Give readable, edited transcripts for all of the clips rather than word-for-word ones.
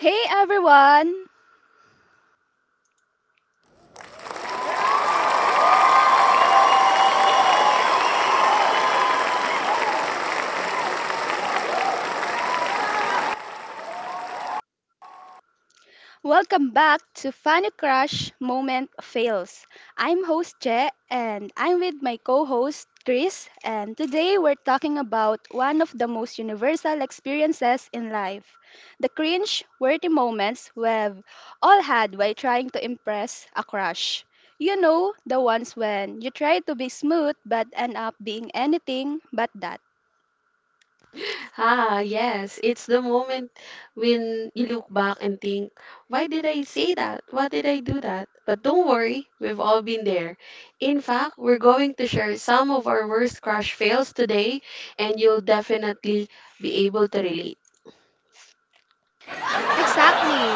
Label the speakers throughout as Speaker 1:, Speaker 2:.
Speaker 1: Hey, everyone! Welcome back to Funny Crush Moment Fails. I'm host Che and I'm with my co-host Chris, and today we're talking about one of the most universal experiences in life. The cringe-worthy moments we've all had while trying to impress a crush. You know, the ones when you try to be smooth but end up being anything but that.
Speaker 2: Ah, yes. It's the moment when you look back and think, why did I say that? Why did I do that? But don't worry, we've all been there. In fact, we're going to share some of our worst crush fails today, and you'll definitely be able to relate.
Speaker 1: Exactly.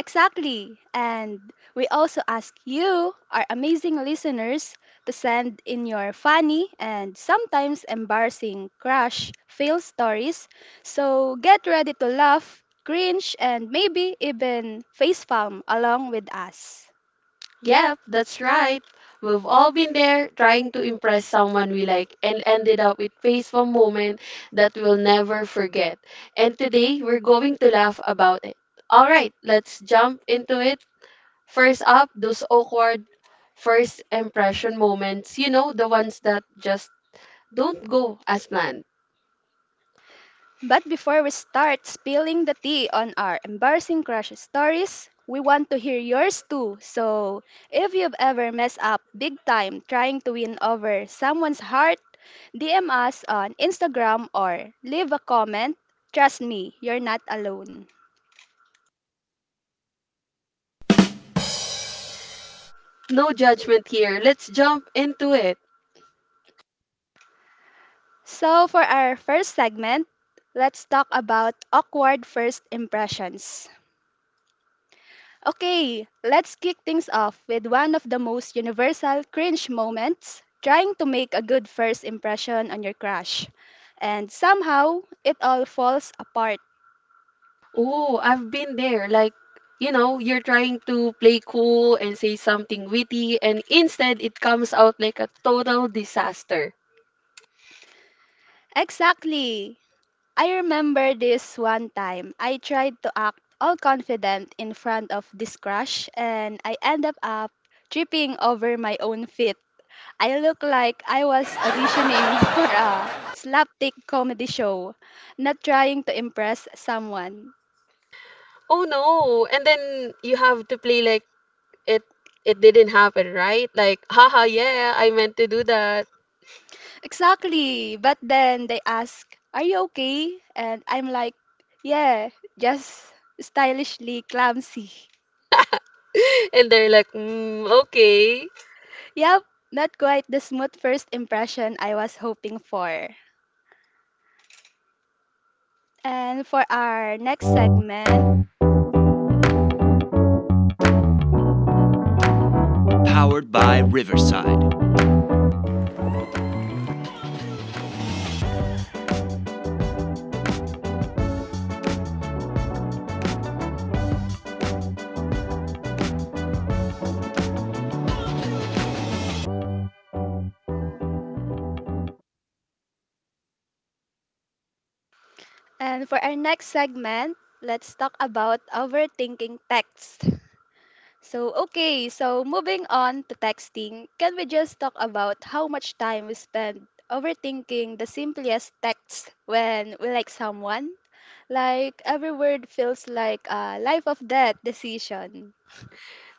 Speaker 1: Exactly. And we also ask you, our amazing listeners, to send in your funny and sometimes embarrassing crush fail stories. So get ready to laugh, cringe, and maybe even facepalm along with us.
Speaker 2: Yep, that's right. We've all been there trying to impress someone we like and ended up with face one moment that we'll never forget. And today, we're going to laugh about it. All right, let's jump into it. First up, those awkward first impression moments, you know, the ones that just don't go as planned.
Speaker 1: But before we start spilling the tea on our embarrassing crush stories, we want to hear yours too. So, if you've ever messed up big time trying to win over someone's heart, DM us on Instagram or leave a comment. Trust me, you're not alone.
Speaker 2: No judgment here. Let's jump into it.
Speaker 1: So, for our first segment, let's talk about awkward first impressions. Okay, let's kick things off with one of the most universal cringe moments trying to make a good first impression on your crush. And somehow, it all falls apart.
Speaker 2: Oh, I've been there. Like, you know, you're trying to play cool and say something witty, and instead it comes out like a total disaster.
Speaker 1: Exactly! I remember this one time. I tried to act all confident in front of this crush and I ended up tripping over my own feet. I looked like I was auditioning for a slapstick comedy show, not trying to impress someone.
Speaker 2: Oh no. And then you have to play like it it didn't happen, right? Like, haha, yeah, I meant to do that.
Speaker 1: Exactly. But then they ask, "Are you okay?" And I'm like, "Yeah, just stylishly clumsy."
Speaker 2: And they're like, mm, okay.
Speaker 1: Yep, not quite the smooth first impression I was hoping for. And for our next segment, and for our next segment, let's talk about overthinking text. So, okay, so moving on to texting, can we just talk about how much time we spend overthinking the simplest texts when we like someone? Like every word feels like a life of death decision,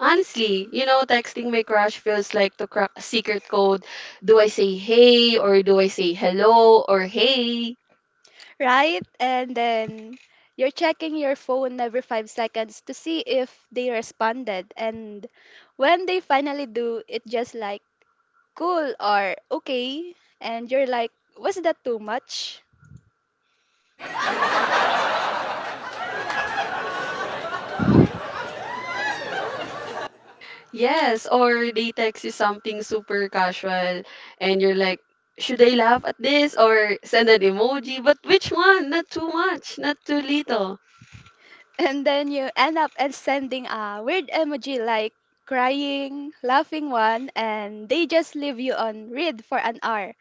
Speaker 2: Honestly, you know, texting my crush feels like to crack a secret code. Do I say hey or do I say hello or hey?
Speaker 1: right? And then you're checking your phone every 5 seconds to see if they responded. And when they finally do, it just like cool or okay. And you're like, was that too much?
Speaker 2: Yes, or they text you something super casual and you're like, should I laugh at this or send an emoji? But which one? Not too much, not too little.
Speaker 1: And then you end up and sending a weird emoji like crying, laughing one, and they just leave you on read for an hour.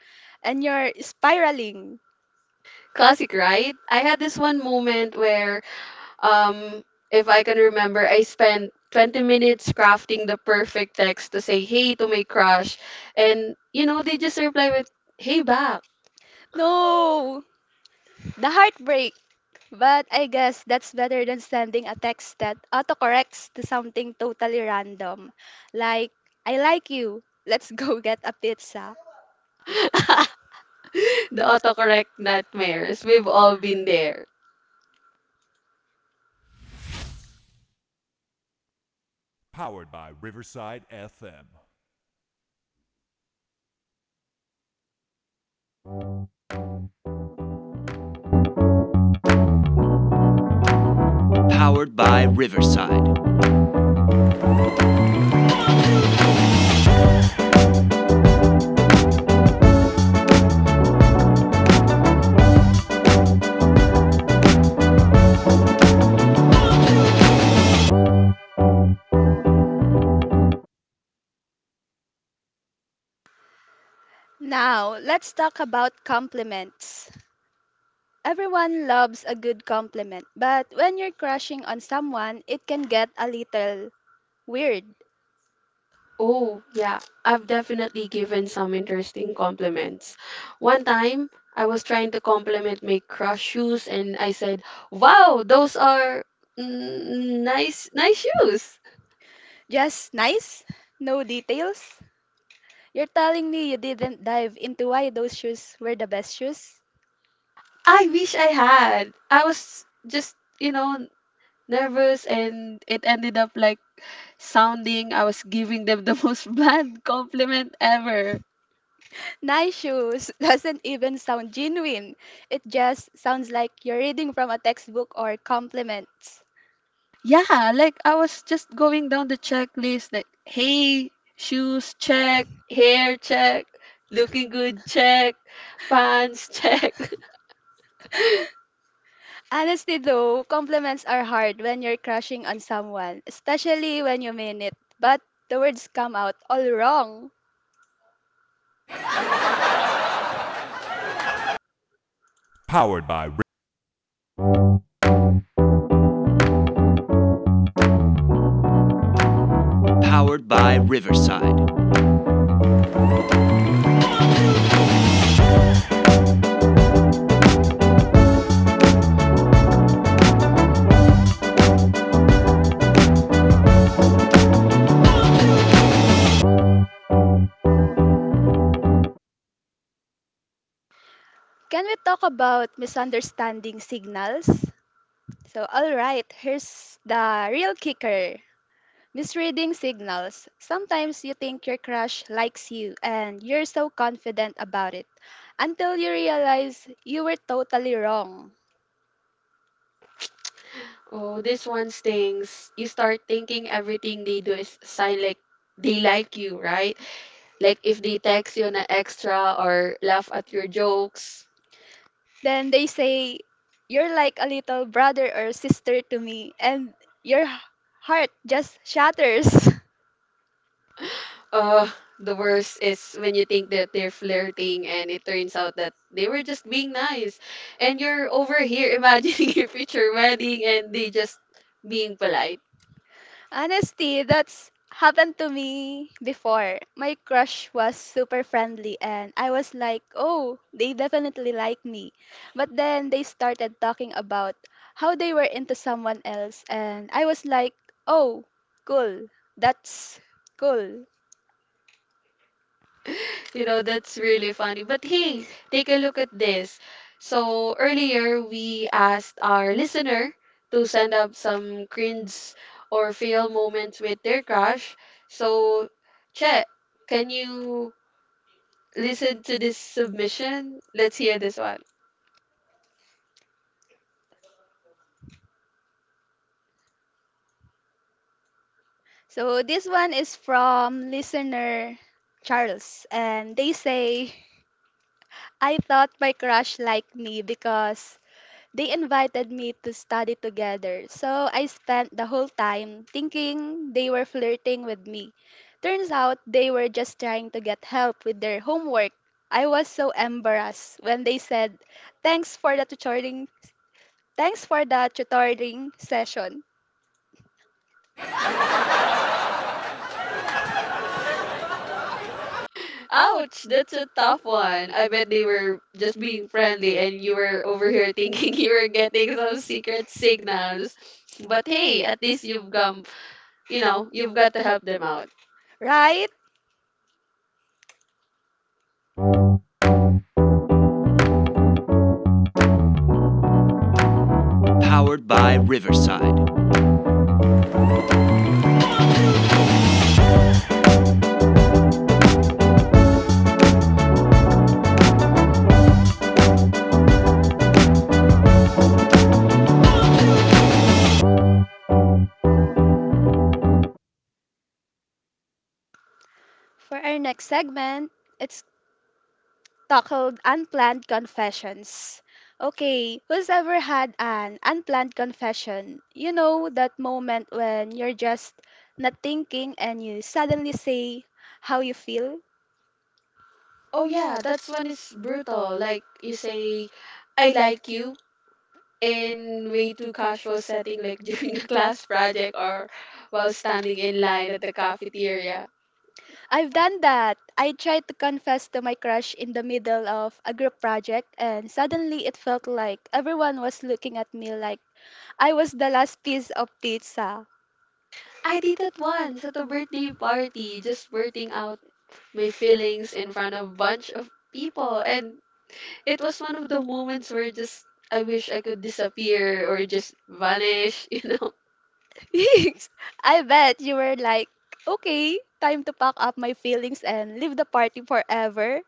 Speaker 1: And you're spiraling.
Speaker 2: Classic, right? I had this one moment where Um, if I can remember, I spent 20 minutes crafting the perfect text to say hey to my crush. And, you know, they just reply with, hey back.
Speaker 1: No, the heartbreak. But I guess that's better than sending a text that autocorrects to something totally random. Like, I like you. Let's go get a pizza.
Speaker 2: The autocorrect nightmares. We've all been there.
Speaker 1: Now, let's talk about compliments. Everyone loves a good compliment, but when you're crushing on someone, it can get a little weird.
Speaker 2: Oh, yeah. I've definitely given some interesting compliments. One time, I was trying to compliment my crush shoes and I said, "Wow, those are nice shoes."
Speaker 1: Just nice? No details? You're telling me you didn't dive into why those shoes were the best shoes?
Speaker 2: I wish I had. I was just, you know, nervous and it ended up like sounding I was giving them the most bland compliment ever.
Speaker 1: Nice shoes doesn't even sound genuine. It just sounds like you're reading from a textbook or compliments.
Speaker 2: Yeah, like I was just going down the checklist like, hey, shoes check, hair check, looking good check, pants check.
Speaker 1: Honestly, though, compliments are hard when you're crushing on someone, especially when you mean it, but the words come out all wrong. Can we talk about misunderstanding signals? So, alright, here's the real kicker. Misreading signals. Sometimes you think your crush likes you and you're so confident about it until you realize you were totally wrong.
Speaker 2: Oh, this one stings. You start thinking everything they do is sign like they like you, right? Like if they text you na extra or laugh at your jokes.
Speaker 1: Then they say, "You're like a little brother or sister to me," and your h- heart just shatters.
Speaker 2: Uh, the worst is when you think that they're flirting and it turns out that they were just being nice. And you're over here imagining your future wedding and they just being polite.
Speaker 1: Honestly, that's happened to me before. My crush was super friendly and I was like, "Oh, they definitely like me." But then they started talking about how they were into someone else and I was like, "Oh, cool. That's cool."
Speaker 2: You know, that's really funny. But hey, take a look at this. So earlier we asked our listener to send up some cringe or fail moments with their crush. So Che, can you listen to this submission? Let's hear this one.
Speaker 1: So this one is from listener Charles and they say, "I thought my crush liked me because they invited me to study together, so I spent the whole time thinking they were flirting with me. Turns out they were just trying to get help with their homework. I was so embarrassed when they said, "Thanks for the tutoring. Thanks for the tutoring session.'"
Speaker 2: Ouch, that's a tough one. I bet they were just being friendly and you were over here thinking you were getting some secret signals. But hey, at least you've come, you know, you've got to help them out.
Speaker 1: Right? For our next segment, it's tackled unplanned confessions. Okay, who's ever had an unplanned confession? You know, that moment when you're just not thinking and you suddenly say how you feel?
Speaker 2: Oh yeah, that's one is brutal. Like you say, I like you in way too casual setting like during a class project or while standing in line at the cafeteria.
Speaker 1: I've done that. I tried to confess to my crush in the middle of a group project, and suddenly it felt like everyone was looking at me like I was the last piece of pizza.
Speaker 2: I did that once at a birthday party, just blurting out my feelings in front of a bunch of people and it was one of the moments where just I wish I could disappear or just vanish, you know.
Speaker 1: I bet you were like, okay, time to pack up my feelings and leave the party forever.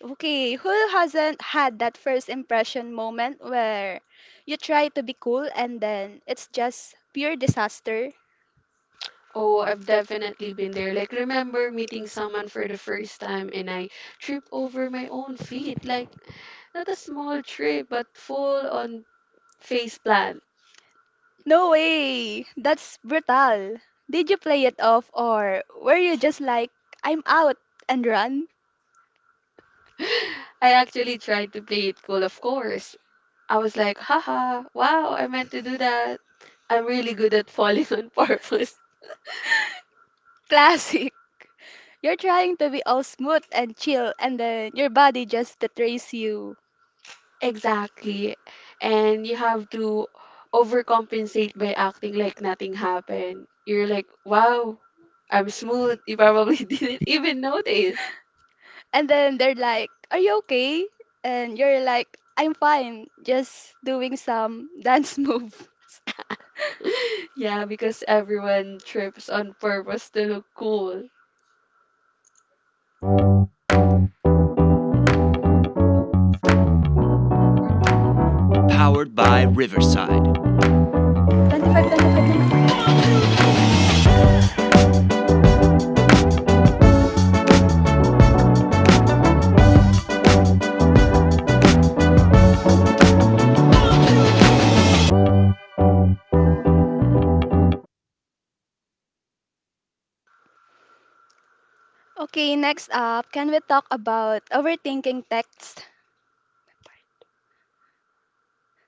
Speaker 1: Okay, who hasn't had that first impression moment where you try to be cool and then it's just pure disaster?
Speaker 2: Oh, I've definitely been there. Like, remember meeting someone for the first time and I trip over my own feet. Like, not a small trip, but full on face plant.
Speaker 1: No way! That's brutal. Did you play it off or were you just like, I'm out and run?
Speaker 2: I actually tried to play it cool, of course. I was like, haha, wow, I meant to do that. I'm really good at falling on purpose.
Speaker 1: Classic. You're trying to be all smooth and chill and then your body just betrays you.
Speaker 2: Exactly. And you have to overcompensate by acting like nothing happened. You're like, wow, I'm smooth. You probably didn't even notice.
Speaker 1: And then they're like, "Are you okay?" And you're like, "I'm fine. Just doing some dance moves."
Speaker 2: Yeah, because everyone trips on purpose to look cool.
Speaker 1: 25, 25, 25 naman. Okay, next up, can we talk about overthinking text?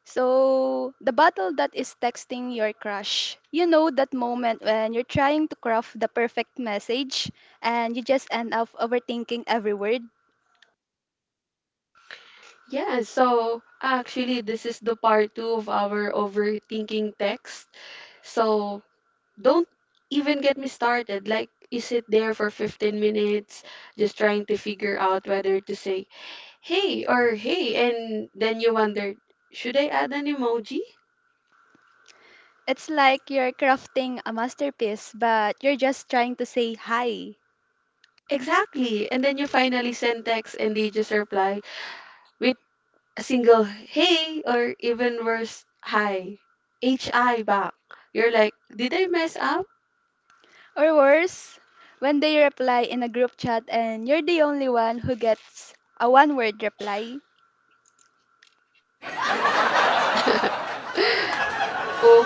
Speaker 1: So, the battle that is texting your crush. You know that moment when you're trying to craft the perfect message and you just end up overthinking every word?
Speaker 2: Yeah, so actually, this is the part two of our overthinking text. So don't even get me started. Like, you sit there for 15 minutes just trying to figure out whether to say hey or hey, and then you wonder, should I add an emoji?
Speaker 1: It's like you're crafting a masterpiece, but you're just trying to say hi.
Speaker 2: Exactly. And then you finally send text and they just reply with a single hey or even worse, hi. HI back. You're like, did I mess up?
Speaker 1: Or worse, when they reply in a group chat and you're the only one who gets a one word reply.
Speaker 2: Oof,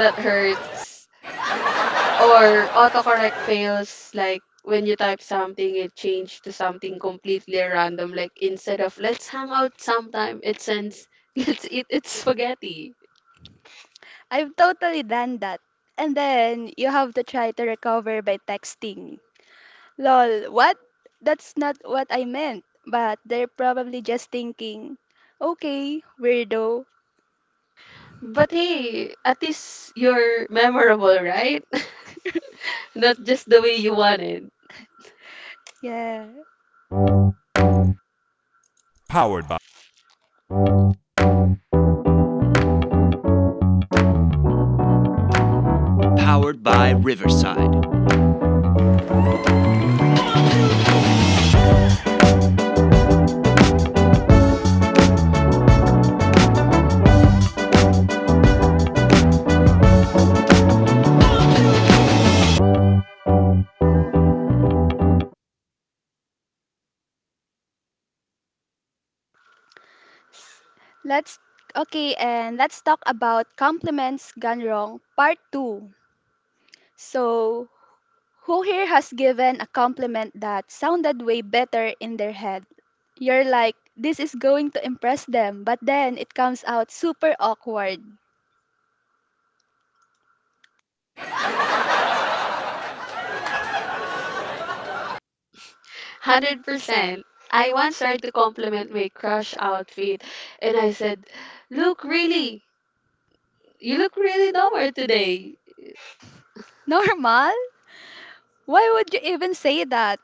Speaker 2: that hurts. Or autocorrect fails like when you type something it changed to something completely random like instead of let's hang out sometime it sends let's eat it's spaghetti.
Speaker 1: I've totally done that. And then you have to try to recover by texting. Lol, what? That's not what I meant. But they're probably just thinking, okay, weirdo.
Speaker 2: But hey, at least you're memorable, right? Not just the way you wanted.
Speaker 1: Yeah. Let's, okay, and let's talk about compliments gone wrong, part two. So, who here has given a compliment that sounded way better in their head? You're like, this is going to impress them, but then it comes out super awkward.
Speaker 2: 100%. I once tried to compliment my crush outfit and I said, "Look, really, you look really normal today."
Speaker 1: Normal? Why would you even say that?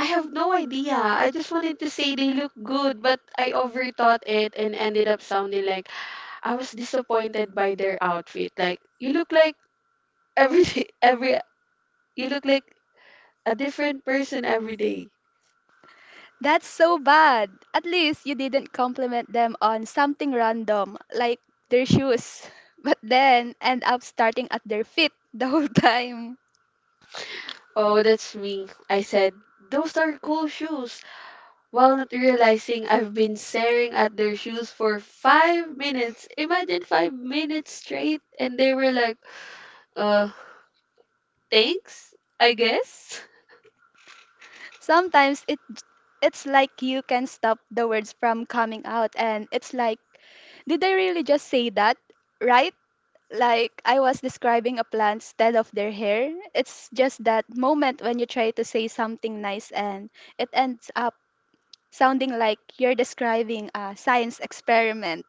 Speaker 2: I have no idea. I just wanted to say they look good, but I overthought it and ended up sounding like I was disappointed by their outfit. Like you look like every day, every you look like a different person every day.
Speaker 1: That's so bad. At least you didn't compliment them on something random, like their shoes, but then end up starting at their feet the whole time.
Speaker 2: Oh, that's me. I said, those are cool shoes. While not realizing I've been staring at their shoes for 5 minutes. Imagine 5 minutes straight. And they were like, uh, thanks, I guess.
Speaker 1: Sometimes it's like you can stop the words from coming out and it's like did I really just say that? Right? Like I was describing a plant instead of their hair. It's just that moment when you try to say something nice and it ends up sounding like you're describing a science experiment.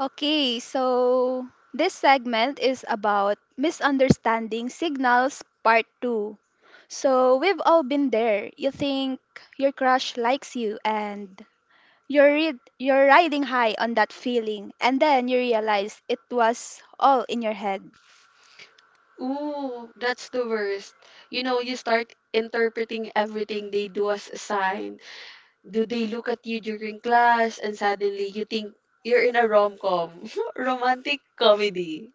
Speaker 1: Okay, so this segment is about misunderstanding signals part 2. So we've all been there. You think your crush likes you and you're riding high on that feeling and then you realize it was all in your head.
Speaker 2: Ooh, that's the worst. You know, you start interpreting everything they do as a sign. Do they look at you during class and suddenly you think you're in a rom-com, romantic comedy?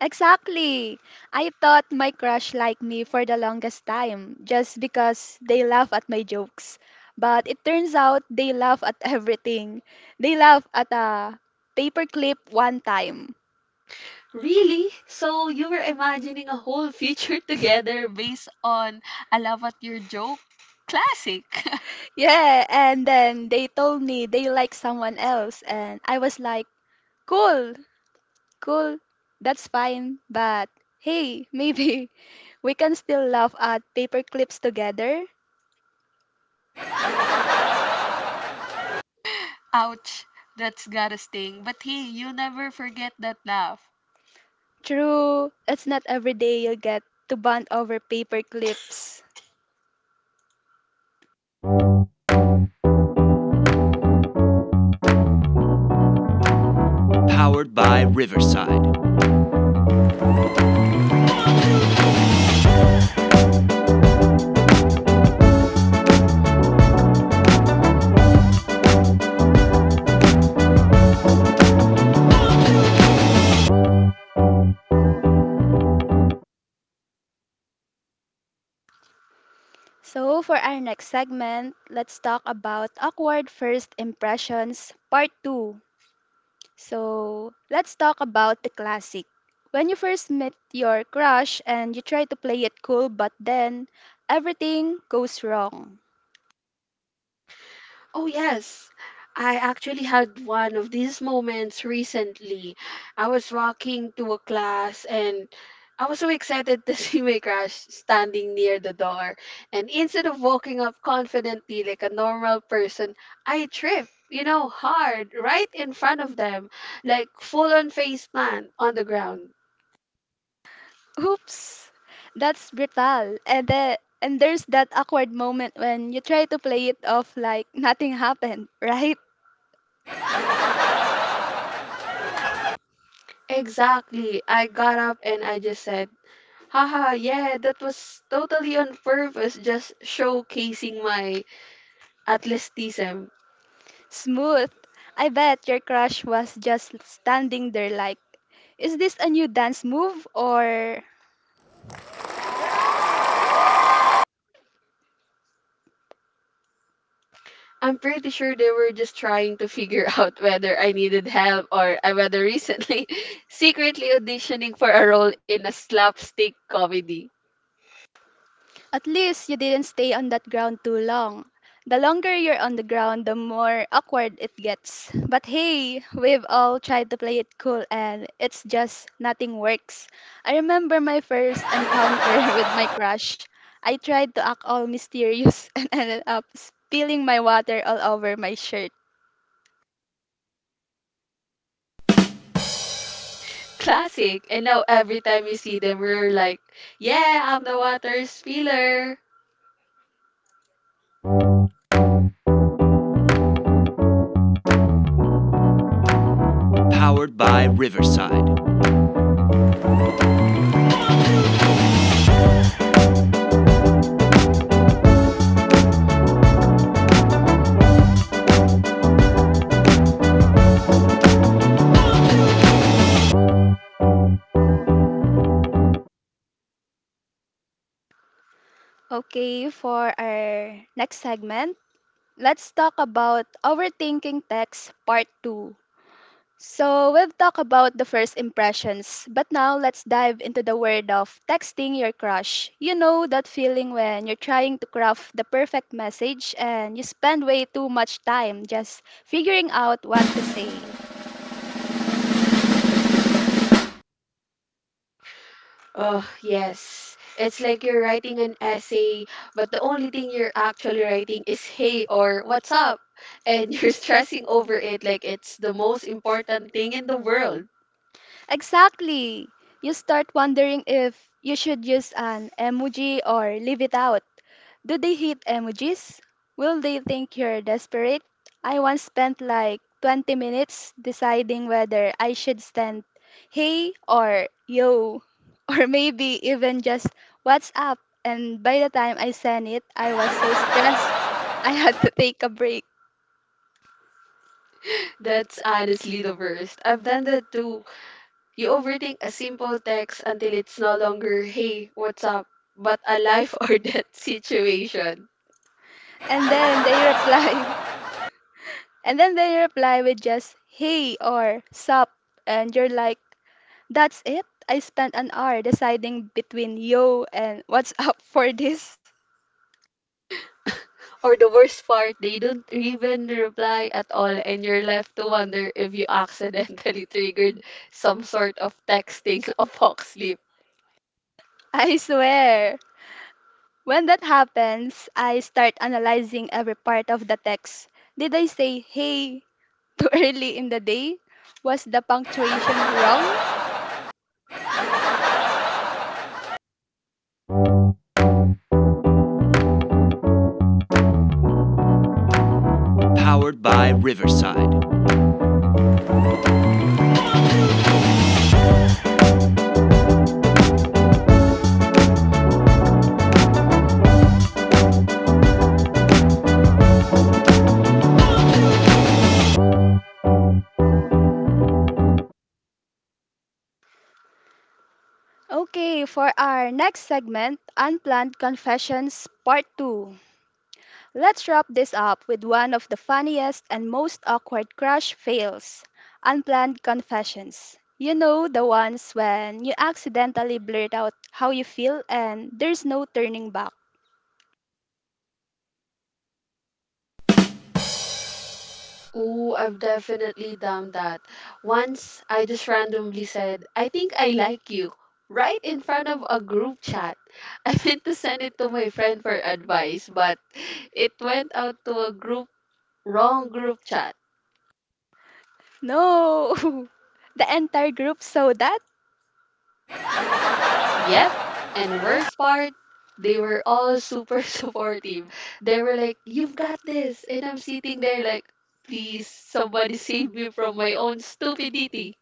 Speaker 1: Exactly. I thought my crush liked me for the longest time just because they laugh at my jokes. But it turns out they laugh at everything. They laugh at a paperclip one time.
Speaker 2: Really? So you were imagining a whole future together based on I laugh at your joke? Classic.
Speaker 1: Yeah, and then they told me they like someone else and I was like, cool. Cool, that's fine, but hey, maybe we can still laugh at paper clips together.
Speaker 2: Ouch. That's gotta sting. But hey, you'll never forget that laugh.
Speaker 1: True, it's not every day you'll get to bond over paper clips. So, for our next segment, let's talk about awkward first impressions, part 2. So, let's talk about the classic. When you first meet your crush and you try to play it cool, but then everything goes wrong.
Speaker 2: Oh, yes. I actually had one of these moments recently. I was walking to a class and I was so excited to see my crush standing near the door. And instead of walking up confidently like a normal person, I tripped, you know, hard, right in front of them, like full on face plant on the ground.
Speaker 1: Oops, that's brutal. And there's that awkward moment when you try to play it off like nothing happened, right?
Speaker 2: Exactly. I got up and I just said, haha, yeah, that was totally on purpose, just showcasing my. At least TSEM.
Speaker 1: Smooth. I bet your crush was just standing there like, is this a new dance move or
Speaker 2: I'm pretty sure they were just trying to figure out whether I needed help or I whether recently secretly auditioning for a role in a slapstick comedy.
Speaker 1: At least you didn't stay on that ground too long. The longer you're on the ground, the more awkward it gets. But hey, we've all tried to play it cool and it's just nothing works. I remember my first encounter with my crush. I tried to act all mysterious and ended up spilling my water all over my shirt.
Speaker 2: Classic. And now every time you see them, we're like, yeah, I'm the water spiller.
Speaker 1: Okay, for our next segment, let's talk about overthinking text part 2. So, we've talked about the first impressions, but now let's dive into the world of texting your crush. You know that feeling when you're trying to craft the perfect message and you spend way too much time just figuring out what to say.
Speaker 2: Oh, yes. It's like you're writing an essay, but the only thing you're actually writing is hey or what's up? And you're stressing over it like it's the most important thing in the world.
Speaker 1: Exactly! You start wondering if you should use an emoji or leave it out. Do they hate emojis? Will they think you're desperate? I once spent like 20 minutes deciding whether I should send hey or yo, or maybe even just what's up. And by the time I sent it, I was so stressed, I had to take a break.
Speaker 2: That's honestly the worst. I've done that too. You overthink a simple text until it's no longer, hey, what's up? But a life or death situation.
Speaker 1: And then they reply, and then they reply with just hey or sup. And you're like, that's it? I spent an hour deciding between yo and what's up for this.
Speaker 2: Or the worst part, they don't even reply at all, and you're left to wonder if you accidentally triggered some sort of texting apocalypse.
Speaker 1: I swear. When that happens, I start analyzing every part of the text. Did I say hey too early in the day? Was the punctuation wrong? Okay, for our next segment, Unplanned Confessions Part 2. Let's wrap this up with one of the funniest and most awkward crush fails, Unplanned Confessions. You know, the ones when you accidentally blurt out how you feel and there's no turning back.
Speaker 2: Oh, I've definitely done that. Once I just randomly said, I think I like you, right in front of a group chat. I meant to send it to my friend for advice, but it went out to a group, wrong group chat.
Speaker 1: No, the entire group saw that.
Speaker 2: Yep. And worst part, they were all super supportive. They were like, you've got this. And I'm sitting there like, please, somebody save me from my own stupidity.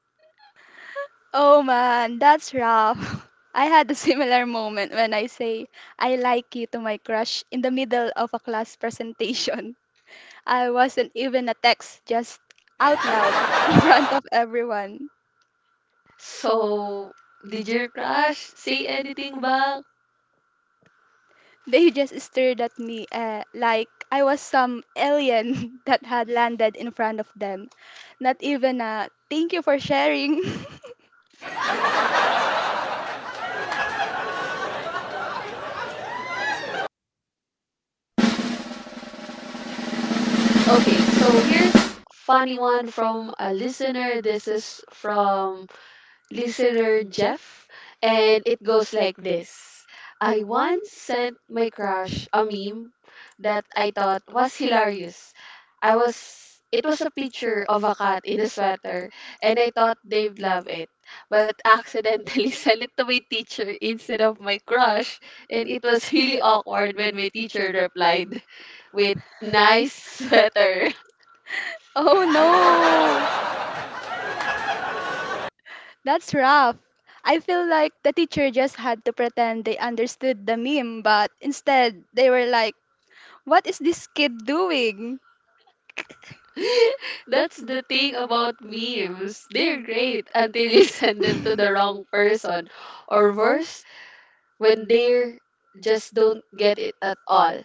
Speaker 1: Oh man, that's rough. I had a similar moment when I say I like you to my crush in the middle of a class presentation. I wasn't even a text, just out loud in front of everyone.
Speaker 2: So, did your crush say anything back?
Speaker 1: They just stared at me like I was some alien that had landed in front of them. Not even a thank you for sharing.
Speaker 2: Okay, so here's funny one from a listener. This is from listener Jeff, and it goes like this. I once sent my crush a meme that I thought was hilarious. I was it was a picture of a cat in a sweater and I thought they'd love it. But accidentally sent it to my teacher instead of my crush and it was really awkward when my teacher replied with nice sweater.
Speaker 1: Oh no. That's rough. I feel like the teacher just had to pretend they understood the meme, but instead they were like, what is this kid doing?
Speaker 2: That's the thing about memes. They're great until you send them to the wrong person. Or worse, when they just don't get it at all.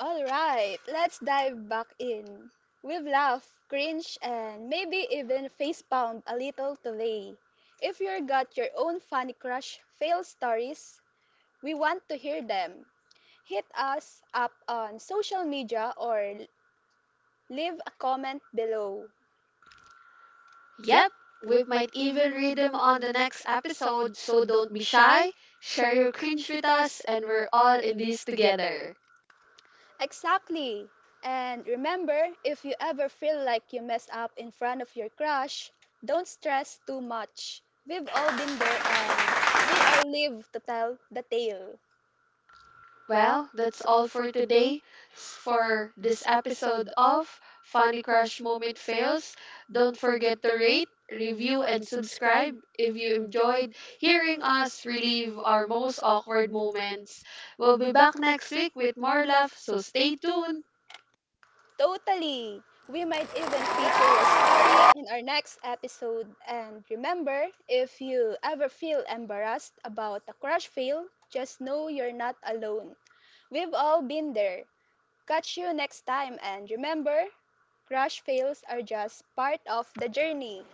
Speaker 1: All right, let's dive back in. We've laughed, cringed, and maybe even facepalmed a little today. If you've got your own funny crush fail stories, we want to hear them. Hit us up on social media or leave a comment below.
Speaker 2: Yep, we might even read them on the next episode, so don't be shy. Share your cringe with us, and we're all in this together.
Speaker 1: Exactly. And remember, if you ever feel like you mess up in front of your crush, don't stress too much. We've all been there and we all live to tell the tale.
Speaker 2: Well, that's all for today for this episode of Funny Crush Moment Fails. Don't forget to rate, review, and subscribe if you enjoyed hearing us relive our most awkward moments. We'll be back next week with more love, so stay tuned.
Speaker 1: Totally. We might even feature your story in our next episode. And remember, if you ever feel embarrassed about a crush fail, just know you're not alone. We've all been there. Catch you next time and remember, crash fails are just part of the journey.